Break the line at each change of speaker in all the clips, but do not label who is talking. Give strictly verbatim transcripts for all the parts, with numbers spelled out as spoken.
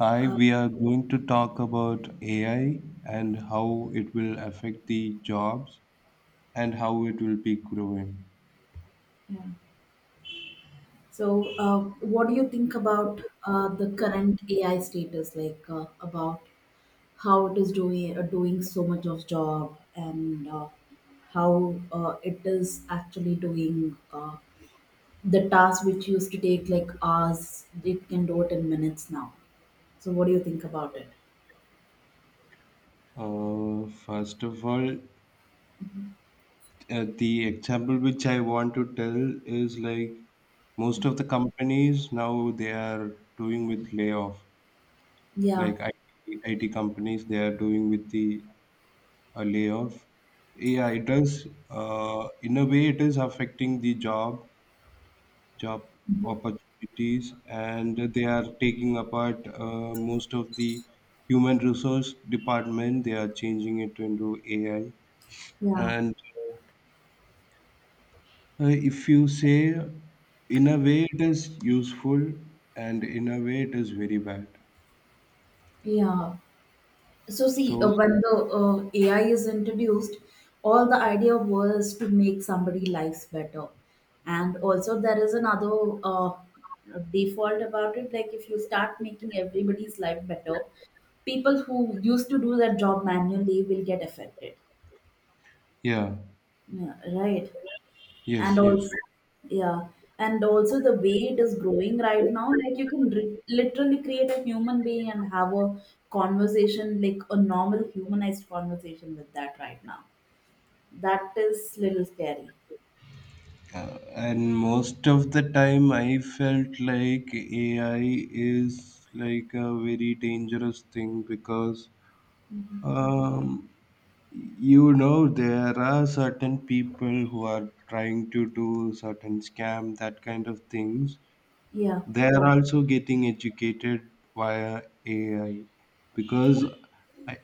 Hi, we are going to talk about A I and how it will affect the jobs and how it will be growing.
Yeah. So, uh, what do you think about uh, the current A I status, like uh, about how it is doing uh, doing so much of job and uh, how uh, it is actually doing uh, the task which used to take like hours? It can do it in minutes now. So, what do you think about it?
Uh, first of all, uh, the example which I want to tell is like most of the companies now they are doing with layoff.
Yeah,
Like I T, companies, they are doing with the uh, layoff. Yeah, it does. Uh, in a way, it is affecting the job job opportunities, and they are taking apart uh, most of the human resource department. They are changing it into AI.
yeah,
And uh, if you say, in a way it is useful and in a way it is very bad.
yeah. So see,
So
uh, when the uh, A I is introduced, all the idea was to make somebody' lives better, and also there is another uh, default about it. Like if you start making everybody's life better, people who used to do their job manually will get affected.
yeah.
Yeah, right, and
Yes, yes.
also yeah, and also the way it is growing right now, like you can dri literally create a human being and have a conversation like a normal humanized conversation with that right now. That is little scary.
uh, and most of the time I felt like AI is like a very dangerous thing because um, you know there are certain people who are trying to do certain scam, that kind of things.
Yeah,
They are also getting educated via AI, because i,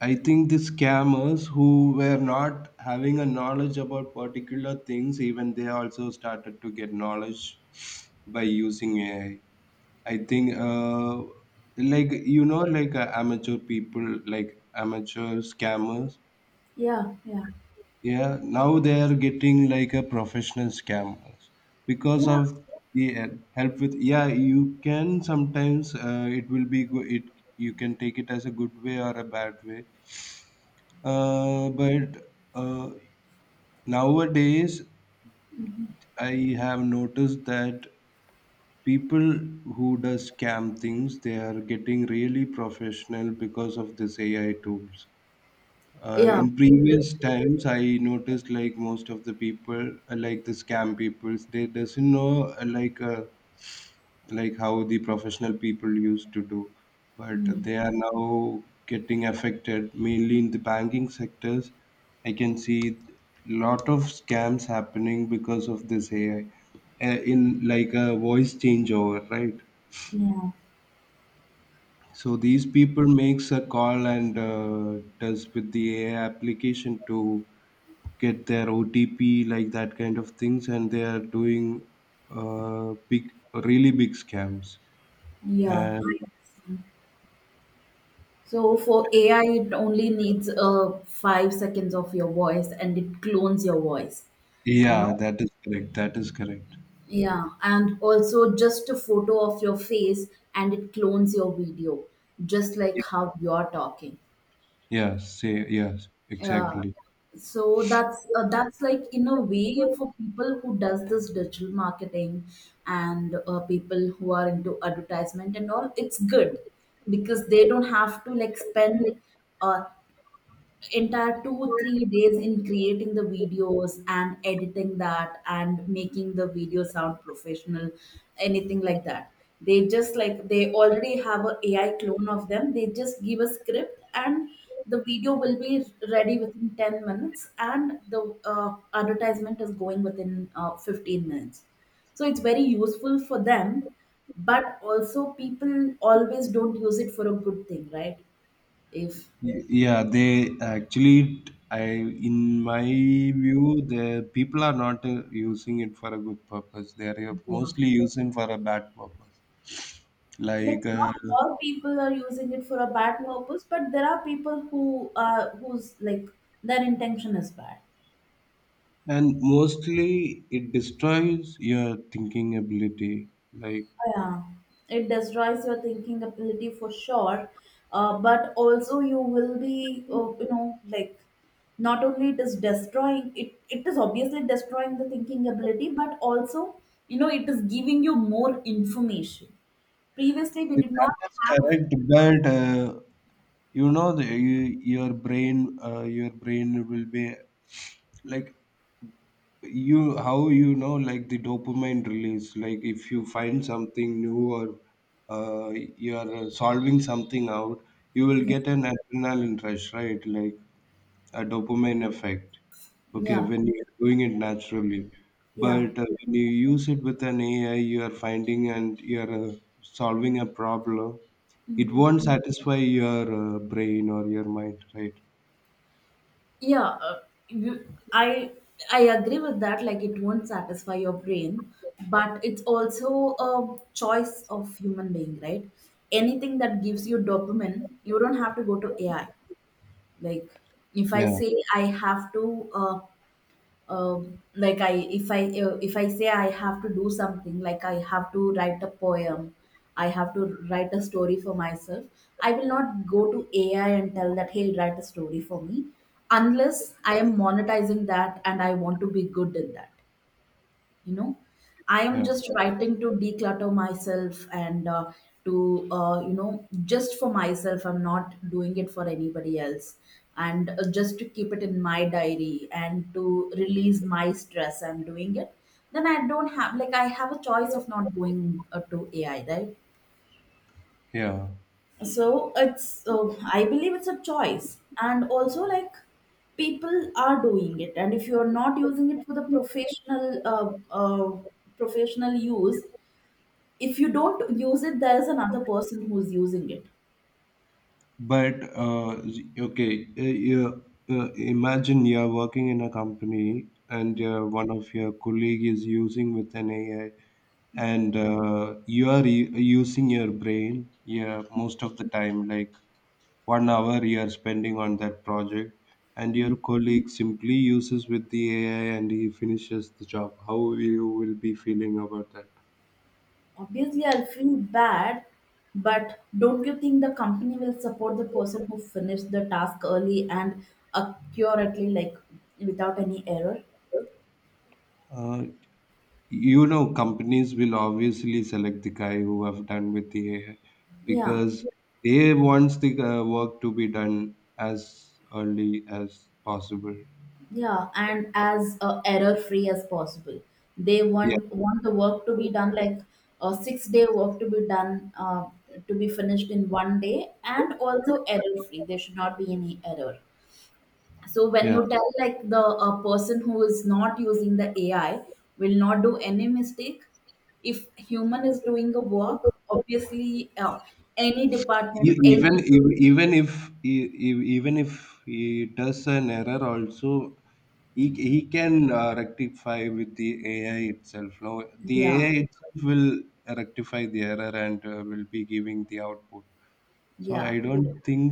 I think the scammers who were not having a knowledge about particular things, even they also started to get knowledge by using ai i i think uh, like you know like uh, amateur people, like amateur scammers.
yeah, yeah,
Yeah, now they are getting like a professional scammers because
yeah,
of the uh, help with. Yeah, you can sometimes uh, it will be good. It You can take it as a good way or a bad way. Uh, but uh, nowadays I have noticed that people who does scam things, they are getting really professional because of this A I tools. Uh,
yeah.
in previous times, I noticed like most of the people, uh, like the scam people, they doesn't know uh, like uh, like how the professional people used to do, but
Mm,
they are now getting affected mainly in the banking sectors. I can see lot of scams happening because of this A I, uh, in like a voice changeover, right?
yeah,
So these people makes a call and uh, does with the A I application to get their O T P, like that kind of things, and they are doing uh, big, really big scams.
yeah,
And
I understand. So for AI, it only needs uh five seconds of your voice, and it clones your voice, you
yeah,
know.
that is correct. That is correct.
Yeah, and also just a photo of your face, and it clones your video, just
Yeah.
like how you're talking.
Yeah. Say yes.
Yeah.
Exactly.
So that's uh, that's like, in a way, for people who does this digital marketing and uh, people who are into advertisement and all, it's good, because they don't have to like spend uh, entire two three days in creating the videos and editing that and making the video sound professional, anything like that. They just like, they already have a AI clone of them. They just give a script, and the video will be ready within ten minutes, and the uh, advertisement is going within uh, fifteen minutes. So it's very useful for them, but also people always don't use it for a good thing, right? If
Y- Yeah. They actually, t- I in my view, the people are not uh, using it for a good purpose. They are uh, mostly using for a bad purpose.
like,
Like. Uh,
not all people are using it for a bad purpose, but there are people who are, whose like, their intention is bad.
and mostly it destroys your thinking ability, like.
Yeah, it destroys your thinking ability for sure. Uh, but also, you will be, uh, you know, like, not only it is destroying it, it is obviously destroying the thinking ability, but also, you know, it is giving you more information. Previously, we did not
That is
have.
correct, but uh, you know the, you, your brain uh, your brain will be like. You How you know, like the dopamine release, like if you find something new or uh, you are solving something out, you will
Yeah,
get an adrenaline rush, right? Like a dopamine effect. Okay,
yeah.
when you're doing it naturally.
Yeah.
But uh, when you use it with an AI, you are finding and you are uh, solving a problem, it
Mhm.
won't satisfy your uh, brain or your mind, right?
Yeah, uh, you, I I agree with that. Like, it won't satisfy your brain, but it's also a choice of human being, right? Anything that gives you dopamine, you don't have to go to A I. Like, if I
Yeah,
say I have to. Uh, um, like I if I if I say I have to do something, like I have to write a poem, I have to write a story for myself, I will not go to AI and tell that hey, write a story for me, unless I am monetizing that and I want to be good in that, you know. I am
yeah,
just writing to declutter myself and uh, to uh, you know, just for myself. I'm not doing it for anybody else, and uh, just to keep it in my diary and to release my stress, I'm doing it. Then I don't have, like, I have a choice of not going uh, to AI, right?
yeah.
So it's uh, I believe it's a choice. And also, like, people are doing it, and if you're not using it for the professional uh, uh, professional use, if you don't use it, there's another person who's using it.
But uh, okay, uh, you, uh, imagine you're working in a company and uh, one of your colleague is using with an AI, and uh, you are u- using your brain, yeah, most of the time, like one hour you are spending on that project, and your colleague simply uses with the AI and he finishes the job. How you will be feeling about that?
Obviously, I'll feel bad, but don't you think the company will support the person who finished the task early and accurately, like, without any error?
Uh, you know, companies will obviously select the guy who have done with the A I
Yeah,
because they wants the uh, work to be done as early as possible.
yeah, and as uh, error free as possible. They
Yeah,
want want the work to be done, like a six day work to be done uh, to be finished in one day, and also error free, there should not be any error. So when
yeah.
you tell like, the, a person who is not using the AI will not do any mistake. If human is doing a work, obviously uh, any department,
E- Even
any.
if- even if e- e- even if he does an error, also he he can uh, rectify with the A I itself. Now the
Yeah,
A I itself will rectify the error and uh, will be giving the output. So I
yeah.
don't think.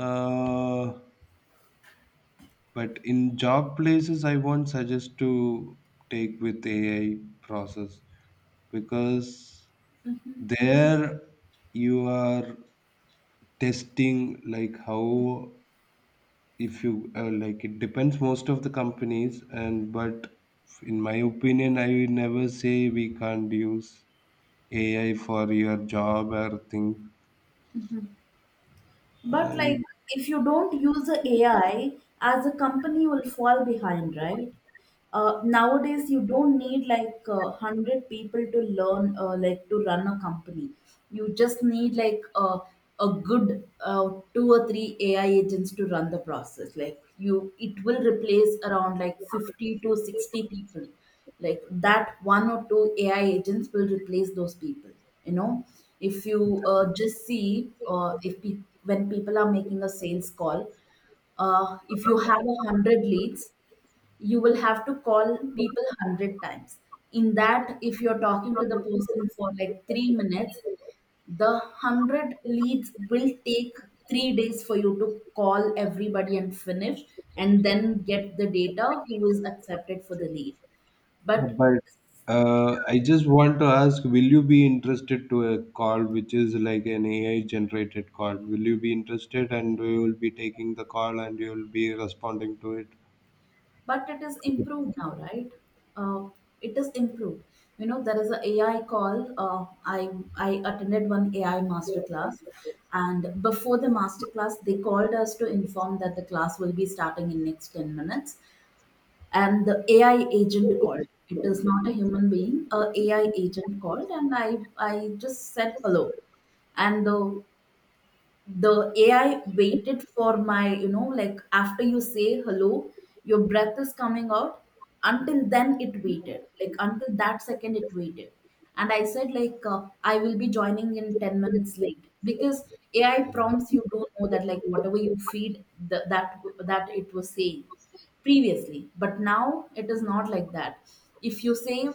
Uh, but in job places, I won't suggest to take with A I process because there you are testing like how if you uh, like it depends most of the companies, and but in my opinion I will never say we can't use AI for your job or thing.
But like,
And.
if you don't use the AI as a company, you will fall behind, right? Uh, nowadays, you don't need like uh, one hundred people to learn uh, like to run a company. You just need like uh, a good uh, two or three AI agents to run the process, like, you, it will replace around like fifty to sixty people. Like that, one or two AI agents will replace those people, you know. If you uh, just see uh, if pe- when people are making a sales call, uh, if you have a hundred leads, you will have to call people one hundred times. In that, if you're talking to the person for like three minutes, the one hundred leads will take three days for you to call everybody and finish, and then get the data who is accepted for the lead. but
But uh, I just want to ask, will you be interested to a call which is like an A I generated call? Will you be interested and you will be taking the call and you will be responding to it?
but it is improved now, right? uh, it is improved. You know, there is a AI call. Uh, i i attended one AI master class, and before the master class, they called us to inform that the class will be starting in next ten minutes. And the AI agent called, it is not a human being, a AI agent called, and i i just said hello, and the the A I waited for my, you know, like after you say hello, your breath is coming out. Until then, it waited. Like until that second, it waited. And I said, like, uh, I will be joining in ten minutes late, because A I prompts you do know that, like, whatever you feed, the, that that it was saying previously. But now it is not like that. If you say,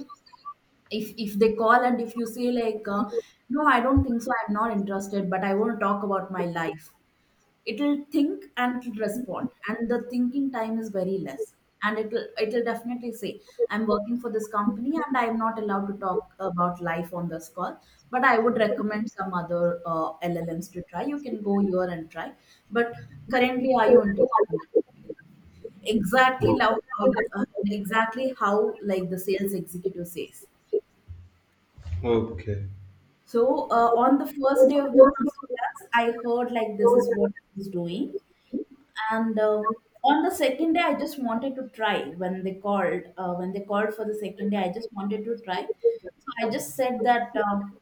if if they call and if you say like uh, no, I don't think so, I'm not interested, but I want to talk about my life, it'll think and it'll respond, and the thinking time is very less. And it'll, it'll definitely say, I'm working for this company and I'm not allowed to talk about life on this call, but I would recommend some other uh, llms to try, you can go here and try. But currently, are you interested in that? Exactly how, how- uh, exactly how like the sales executive says.
Oh, okay.
So uh, on the first day of the master class, I heard like this is what he's doing, and uh, on the second day, I just wanted to try. When they called, uh, when they called for the second day, I just wanted to try. So I just said that um,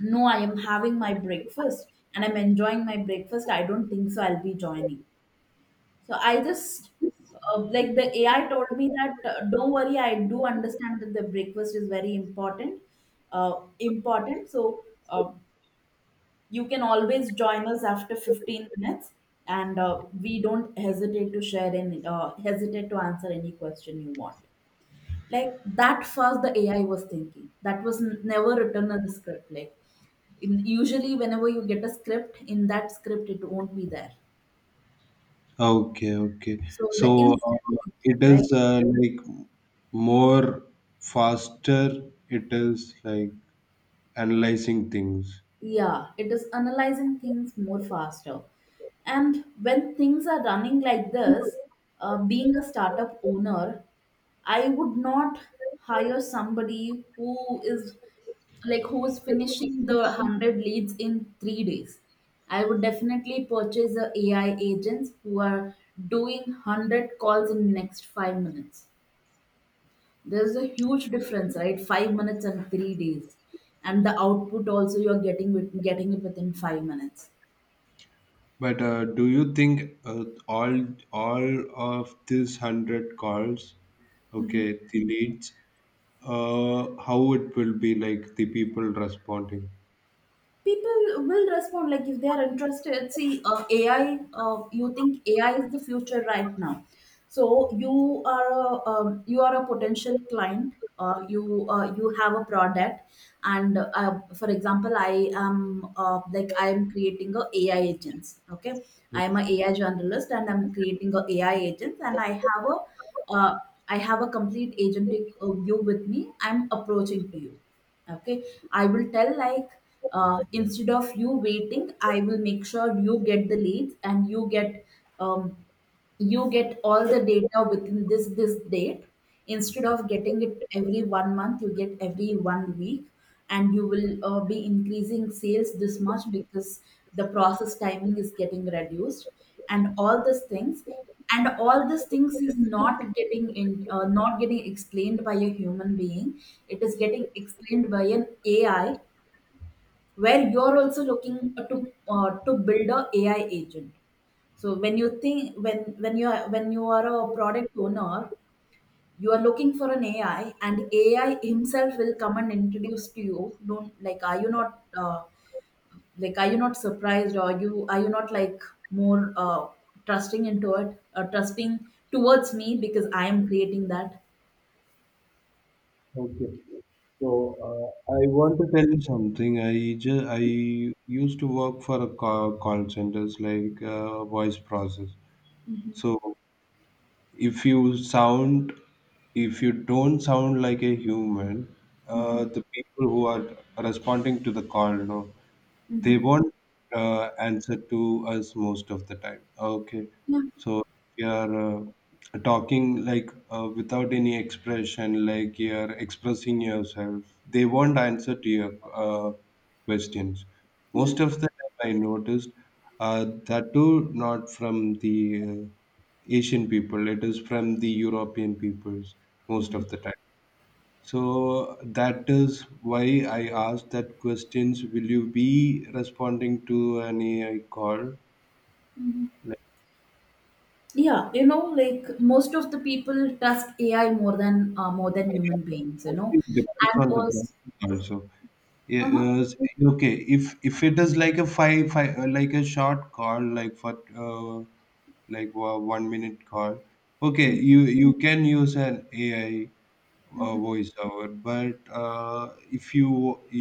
no, I am having my breakfast, and I'm enjoying my breakfast. I don't think so, I'll be joining. So I just uh, like, the A I told me that uh, don't worry, I do understand that the breakfast is very important. Uh, important. So. Uh, you can always join us after fifteen minutes, and uh, we don't hesitate to share and uh, hesitate to answer any question you want. Like that fast, the A I was thinking. That was n- never written on the script. Like in, usually, whenever you get a script, in that script it won't be there.
Okay, okay.
So the
So
instant
uh,
thinking,
it
right?
is uh, like more faster, it is like analyzing things.
Yeah, it is analyzing things more faster. And when things are running like this, uh, being a startup owner, I would not hire somebody who is, like, who's finishing the one hundred leads in three days. I would definitely purchase a AI agents who are doing one hundred calls in next five minutes. There's a huge difference, right? five minutes and three days, and the output also you're getting with, getting it within five minutes.
But uh, do you think uh, all all of these hundred calls, okay, the leads, uh, how it will be like the people responding?
People will respond, like, if they are interested. See, uh, ai uh, you think AI is the future right now. So you are a um, you are a potential client. uh, you uh, you have a product, and uh, for example, i am uh, like i am creating a AI agents, okay?
Yeah.
I am a AI journalist, and I'm creating a AI agents, and I have a uh, I have a complete agentic uh, view with me. I'm approaching to you, okay? I will tell like, uh, instead of you waiting, I will make sure you get the leads, and you get um, you get all the data within this this date. Instead of getting it every one month, you get every one week, and you will uh, be increasing sales this much because the process timing is getting reduced. And all these things, and all these things is not getting in uh, not getting explained by a human being. It is getting explained by an AI, where you're also looking to uh, to build a AI agent. So when you think, when when you are, when you are a product owner, you are looking for an A I, and A I himself will come and introduce to you. Don't like are you not uh, like are you not surprised? Or you are you not like more uh, trusting into it, or trusting towards me because I am creating that.
Okay. So uh, I want to tell you something. I just I used to work for a call, call centers like uh, voice process.
Mhm,
So if you sound, if you don't sound like a human, uh,
mhm,
the people who are responding to the call, no, they
mhm.
won't uh, answer to us most of the time, okay?
Yeah,
So if you are uh, talking like uh, without any expression, like you're expressing yourself, they won't answer to your uh, questions
yeah,
most of the time I noticed, uh, that too, not from the uh, Asian people, it is from the European peoples most of the time. So that is why I asked that questions. Will you be responding to any uh, call?
yeah. You know, like, most of the people trust A I more than uh, more than
Yeah,
human beings. You
mostly
know,
it depends
and
on the
also,
branches also. Yeah, uh, s- okay. If if it is like a five, five uh, like a short call, like for uh, like wa- one minute call, okay, you you can use an A I uh, voiceover. But uh, if you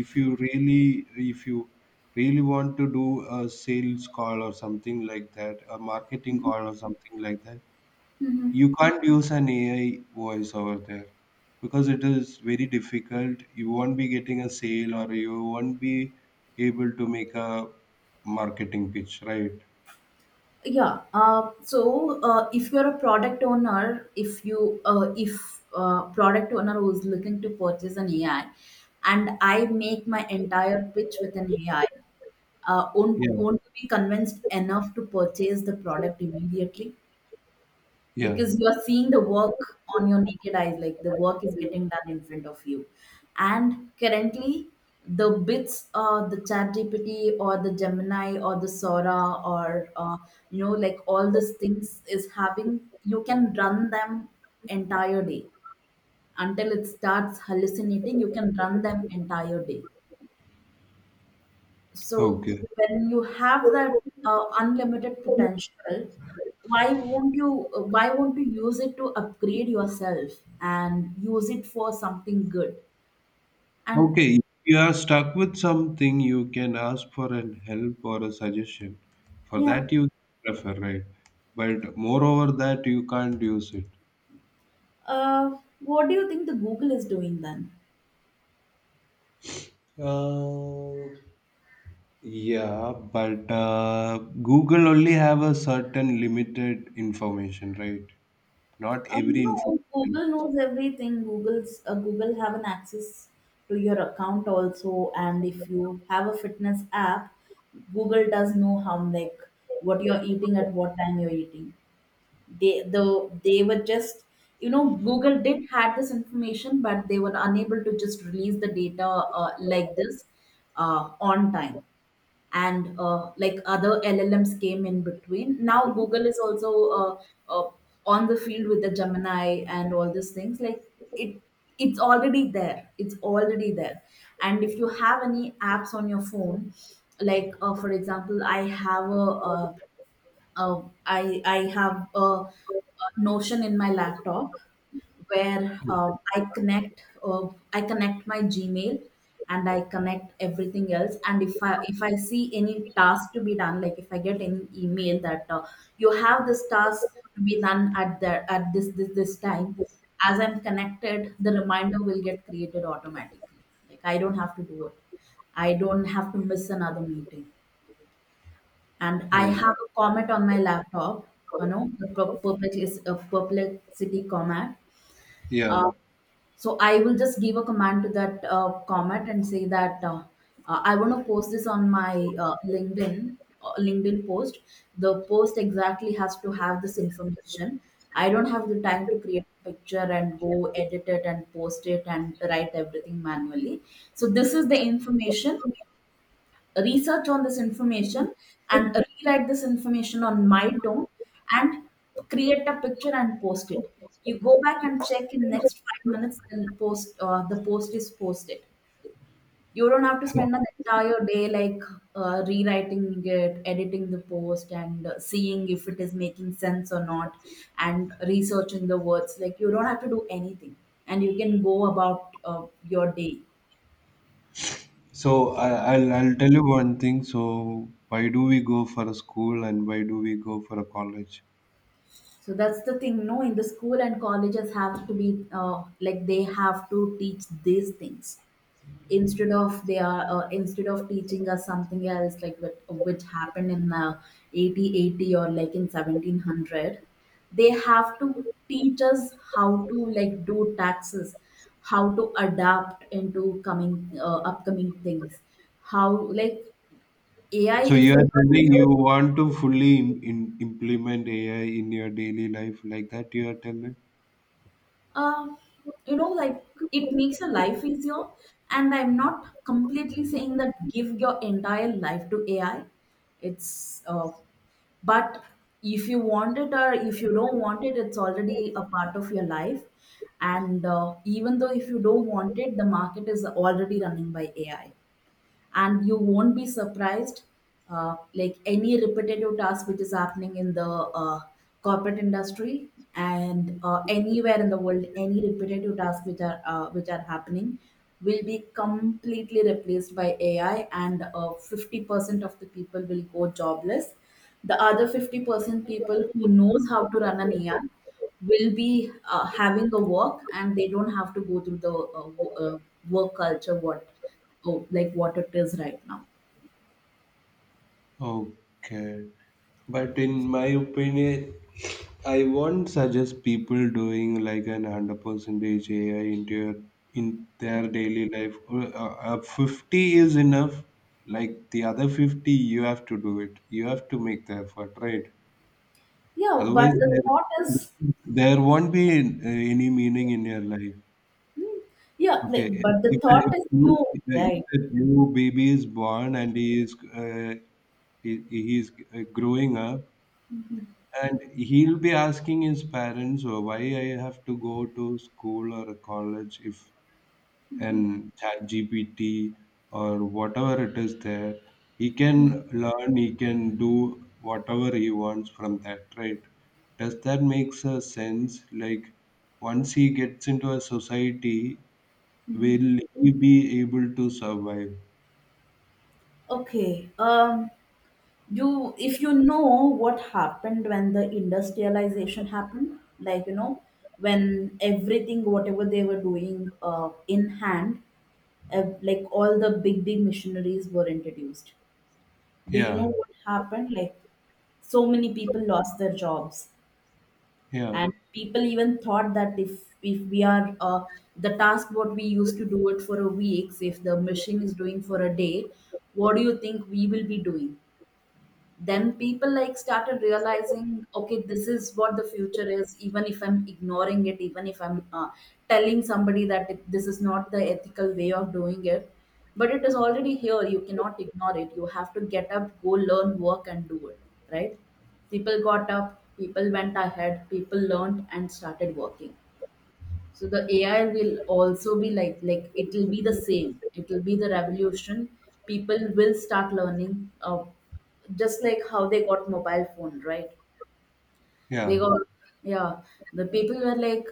if you really if you really want to do a sales call or something like that, a marketing call or something like that, you can't use an A I voice over there because it is very difficult. You won't be getting a sale or you won't be able to make a marketing pitch, right?
yeah. Uh, so uh, if you're a product owner, if you uh, if uh, product owner who's looking to purchase an ai, and I make my entire pitch with an ai, uh, won't,
Yeah.
won't be convinced enough to purchase the product immediately,
Yeah.
because you are seeing the work on your naked eyes, like the work is getting done in front of you. And currently, the bits uh, the ChatGPT or the Gemini or the Sora, or uh, you know like all these things is having, you can run them entire day until it starts hallucinating. You can run them entire day. So
Okay.
when you have that uh, unlimited potential, why won't you uh, why won't you use it to upgrade yourself and use it for something good? And
Okay. If you are stuck with something, you can ask for an help or a suggestion. For
yeah.
that, you prefer, right? But moreover, that you can't use it.
uh, what do you think the Google is doing then?
Uh, Yeah, but uh, Google only have a certain limited information, right? Not
Uh,
every
no,
information.
Google knows everything. Google's uh, Google have an access to your account also, and if you have a fitness app, Google does know how, like what you're eating, at what time you're eating. they the they were just, you know Google did had this information, but they were unable to just release the data uh, like this, uh, on time. And uh, like, other LLMs came in between. Now Google is also uh, uh, on the field with the Gemini and all these things. Like, it it's already there. It's already there. And if you have any apps on your phone, like uh, for example, i have a, uh uh, I I have a, a Notion in my laptop, where uh, I connect uh, I connect my Gmail, and I connect everything else. And if I if I see any task to be done, like if I get any email that uh, you have this task to be done at the at this this this time, as I'm connected, the reminder will get created automatically. Like, I don't have to do it. I don't have to miss another meeting. And I
Oh,
have a comment on my laptop, you know, the per- perplex is a perplexity comment.
yeah.
Uh, so I will just give a command to that uh, comment and say that uh, uh, I want to post this on my uh, LinkedIn uh, LinkedIn post. The post exactly has to have this information. I don't have the time to create a picture and go edit it and post it and write everything manually. So this is the information. Research on this information, and rewrite this information on my tone, and create a picture and post it. You go back and check in next five minutes. The post uh, the post is posted. You don't have to spend an entire day, like uh, rewriting it, editing the post, and uh, seeing if it is making sense or not, and researching the words. Like, you don't have to do anything, and you can go about uh, your day.
So I, I'll I'll tell you one thing. So why do we go for a school and why do we go for a college?
So that's the thing. No, in the school and colleges have to be, uh, like, they have to teach these things instead of they are uh, instead of teaching us something else, like what which happened in uh, eighty eighty or like in seventeen hundred. They have to teach us how to, like, do taxes, how to adapt into coming, uh, upcoming things, how, like, AI,
So you
if
are
you're
telling
not—
you want to fully im in, implement A I in your daily life like that. You are telling.
Um, you know, like, it makes your life easier. And I'm not completely saying that give your entire life to A I. It's uh, But if you want it or if you don't want it, it's already a part of your life. And uh, even though if you don't want it, the market is already running by A I, and you won't be surprised, uh, like, any repetitive task which is happening in the uh, corporate industry, and uh, anywhere in the world, any repetitive tasks which are uh, which are happening will be completely replaced by AI, and uh, fifty percent of the people will go jobless. The other fifty percent people who knows how to run an AI will be uh, having a work, and they don't have to go through the uh, w- uh, work culture, what, oh, like what it is right now.
Okay. But in my opinion, I won't suggest people doing like an hundred percent A I into your, in their daily life. Uh, uh, Fifty is enough. Like the other fifty, you have to do it. You have to make the effort, right?
Yeah, but
Otherwise,
the
there,
thought is,
there won't be uh, any meaning in your life.
hmm. Yeah,
Okay,
like,
if,
but the
if, a-
thought
if,
is
a new,
you,
if, a,
right?
if a new baby is born and he is uh, he, he is uh, growing up and he'll be asking his parents, "Oh, why I have to go to school or a college if an chat gpt or whatever it is there, he can learn, he can do whatever he wants from that, right? Does that make sense? Like, once he gets into a society, will he be able to survive?"
Okay. Um, you, if you know what happened when the industrialization happened, like, you know, when everything, whatever they were doing uh, in hand, uh, like, all the big big machineries were introduced. Do you know
Yeah,
what happened? Like, so many people lost their jobs.
yeah,
And people even thought that, if if we are, uh, the task what we used to do it for a week, if the machine is doing for a day, what do you think we will be doing? Then people, like, started realizing, okay, this is what the future is. Even if I'm ignoring it, even if I'm uh, telling somebody that it, this is not the ethical way of doing it, but it is already here, you cannot ignore it, you have to get up, go, learn, work and do it, right? People got up, people went ahead, people learned and started working. So the AI will also be like, like it will be the same, it will be the revolution. People will start learning, uh, just like how they got mobile phone, right? They
yeah.
got, yeah, the people were like,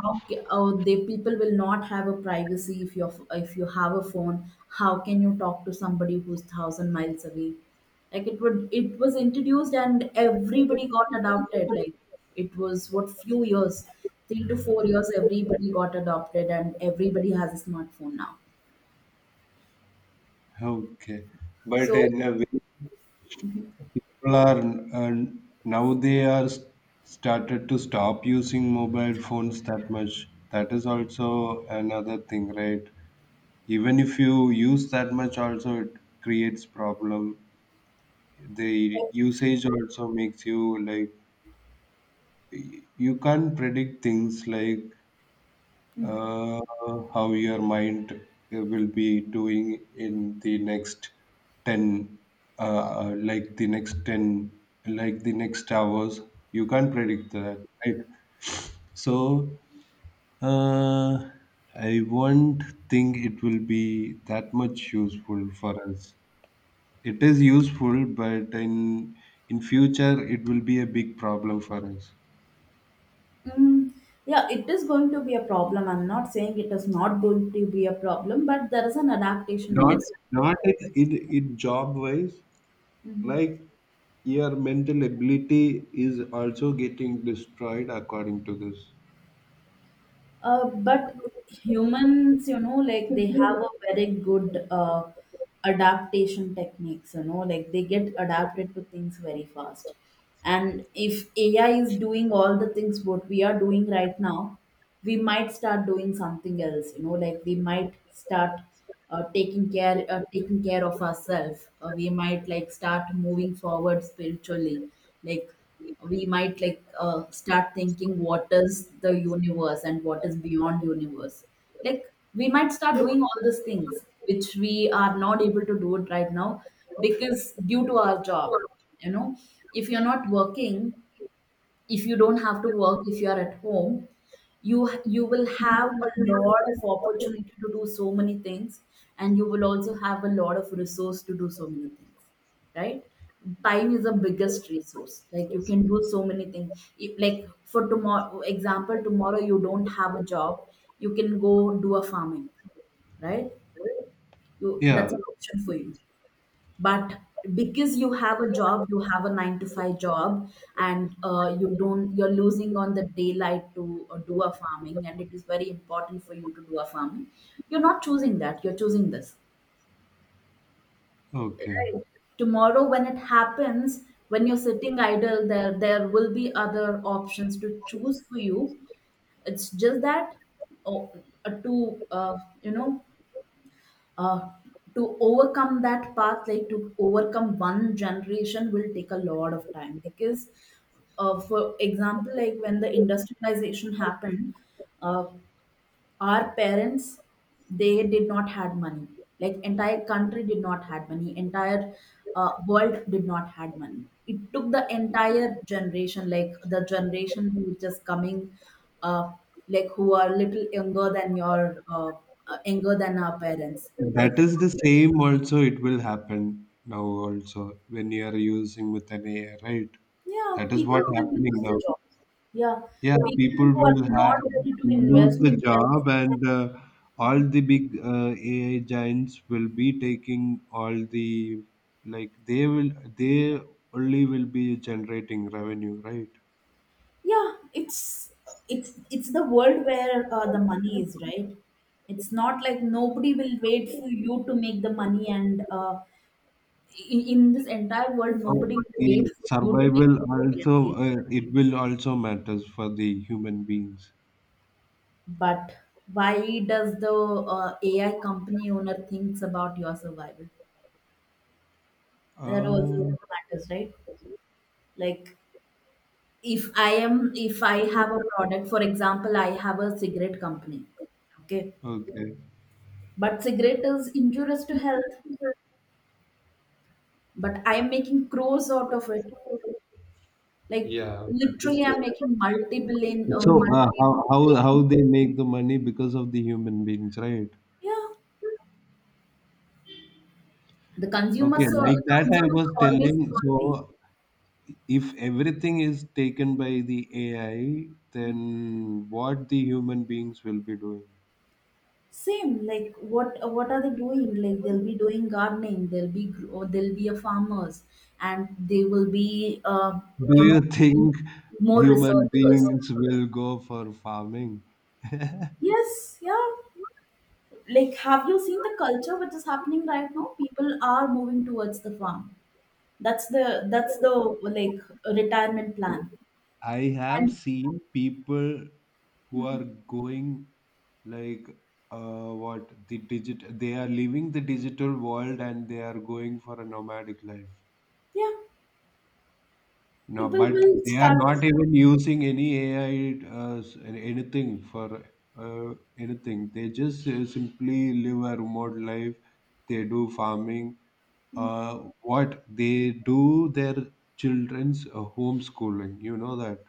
how ca- oh, the people will not have a privacy if you, if you have a phone. How can you talk to somebody who's thousand miles away? Like, it would, it was introduced and everybody got adopted. Like, it was what, few years, three to four years, everybody got adopted and everybody has a smartphone now.
Okay, but
So,
in a way, people are and now they are s- started to stop using mobile phones that much. That is also another thing, right? Even if you use that much also, it creates problem. The usage also makes you like, y- you can't predict things, like uh, how your mind uh, will be doing in the next ten, uh, uh, like the next ten, like the next hours. You can't predict that, right? So uh, I won't think it will be that much useful for us. It is useful, but in in future it will be a big problem for us.
mm, yeah, it is going to be a problem. I'm not saying it is not going to be a problem, but there is an adaptation
not
also.
not it, it, it job wise,
Mhm.
like your mental ability is also getting destroyed according to this.
Uh, but humans, you know, like, they have a very good uh, adaptation techniques, you know, like, they get adapted to things very fast. And if A I is doing all the things what we are doing right now, we might start doing something else, you know, like, we might start uh, taking care uh, taking care of ourselves. Uh, we might, like, start moving forward spiritually. Like, we might, like, uh, start thinking what is the universe and what is beyond universe. Like, we might start doing all these things which we are not able to do it right now, because due to our job, you know if you're not working, if you don't have to work, if you are at home, you you will have a lot of opportunity to do so many things, and you will also have a lot of resource to do so many things, right? Time is the biggest resource. Like, you can do so many things. If- like for tomorrow example, tomorrow you don't have a job, you can go do a farming, right? you
Yeah,
That's an option for you. But because you have a job, you have a nine to five job, and uh, you don't you're losing on the daylight to uh, do a farming, and it is very important for you to do a farming. You're not choosing that, you're choosing this,
okay.
right? Tomorrow when it happens, when you're sitting idle, there there will be other options to choose for you. It's just that, oh, uh, to uh, you know uh, to overcome that path, like to overcome one generation will take a lot of time, because, uh, for example, like when the industrialization happened, uh, our parents, they did not had money, like entire country did not had money, entire uh, world did not had money. It took the entire generation, like the generation who is just coming, uh, like, who are little younger than your uh, uh, younger than our parents, like.
That is the same also, it will happen now also when you are using with an AI, right?
Yeah,
That is
people
what
will
happening
lose the
now.
job. Yeah,
Yeah,
people
people
who are
will ha
not ready to
lose
invest.
the job, and uh, all the big uh, A I giants will be taking all the, like they will they only will be generating revenue, right?
Yeah, it's it's it's the world where uh, the money is, right? It's not like nobody will wait for you to make the money, and uh, in, in this entire world,
So
nobody will
the
wait for you to make
survival
the
also
money.
uh, it will also matters for the human beings.
But why does the uh, AI company owner thinks about your survival? That also
Uh,
matters, right? Like, if i am if I have a product, for example, I have a cigarette company, okay?
okay.
But cigarette is injurious to health, but I am making crows out of it. Like,
Yeah, that is
literally, I'm making
there.
multi-billion, uh,
So uh, how how
multi-billion.
how they make the money because of the human beings, right?
Yeah, the
Okay,
consumers, uh,
like that I
consumers
was
are always
telling.
hungry.
So if everything is taken by the A I, then what the human beings will be doing?
Same, like what uh, what are they doing? Like, they'll be doing gardening, they'll be gr- or they'll be a farmers, and they will be, uh,
Do
you know,
you think
more
human
researchers.
beings will go for farming?
Yes, yeah. Like, have you seen the culture which is happening right now? People are moving towards the farm. that's the that's the like retirement plan.
I have
And
seen people who are going, like, uh, what the digit they are leaving the digital world and they are going for a nomadic life.
yeah,
No,
people
but
will
they are
start.
not even using any A I uh, s- anything for uh, anything. They just uh, simply live a remote life. They do farming. Uh, what they do their children's uh, homeschooling. You know that.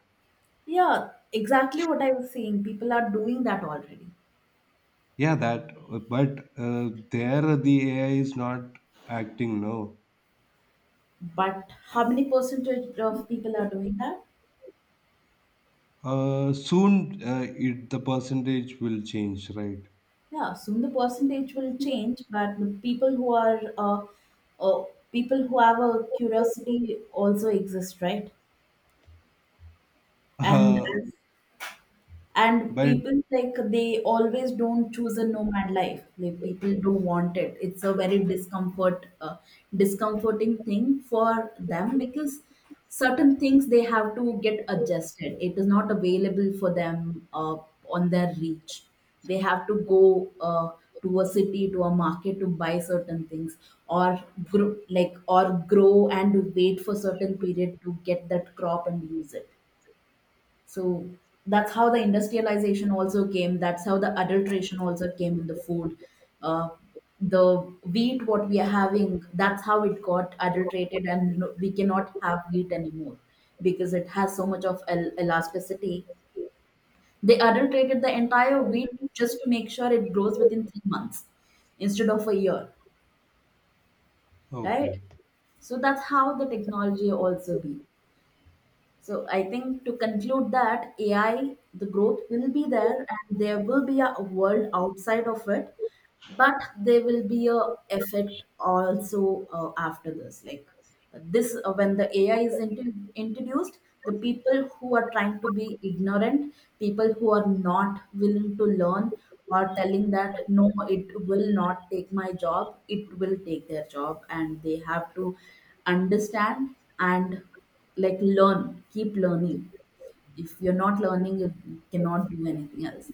Yeah, exactly what I was saying, people are doing that already.
Yeah, that, but uh, there the A I is not acting, no.
But how many percentage of people are doing that?
Uh, soon uh, it the percentage will change, right?
Yeah, soon the percentage will change, but the people who are uh, uh, people who have a curiosity also exist, right? and
Uh,
as and
but
people, like, they always don't choose a nomad life. Like, people don't want it, it's a very discomfort uh, discomforting thing for them because certain things they have to get adjusted, it is not available for them uh, on their reach. They have to go, uh, to a city, to a market, to buy certain things, or grow, like, or grow and wait for certain period to get that crop and use it. So that's how the industrialization also came. That's how the adulteration also came in the food. Uh, the wheat, what we are having, that's how it got adulterated, and no- we cannot have wheat anymore because it has so much of el- elasticity. They adulterated the entire wheat just to make sure it grows within three months instead of a year, right?
okay,
So that's how the technology also be. So I think, to conclude, that A I, the growth will be there, and there will be a world outside of it, but there will be a effect also, uh, after this. Like this, uh, when the AI is int- introduced, the people who are trying to be ignorant, people who are not willing to learn, or telling that no, it will not take my job, it will take their job. And they have to understand, and, like, learn, keep learning. If you're not learning, you cannot do anything else.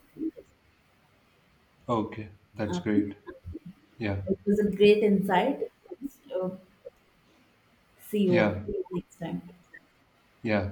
okay, that's great.
Okay.
Yeah,
It was a great insight. So, see you
yeah,
next time.
yeah.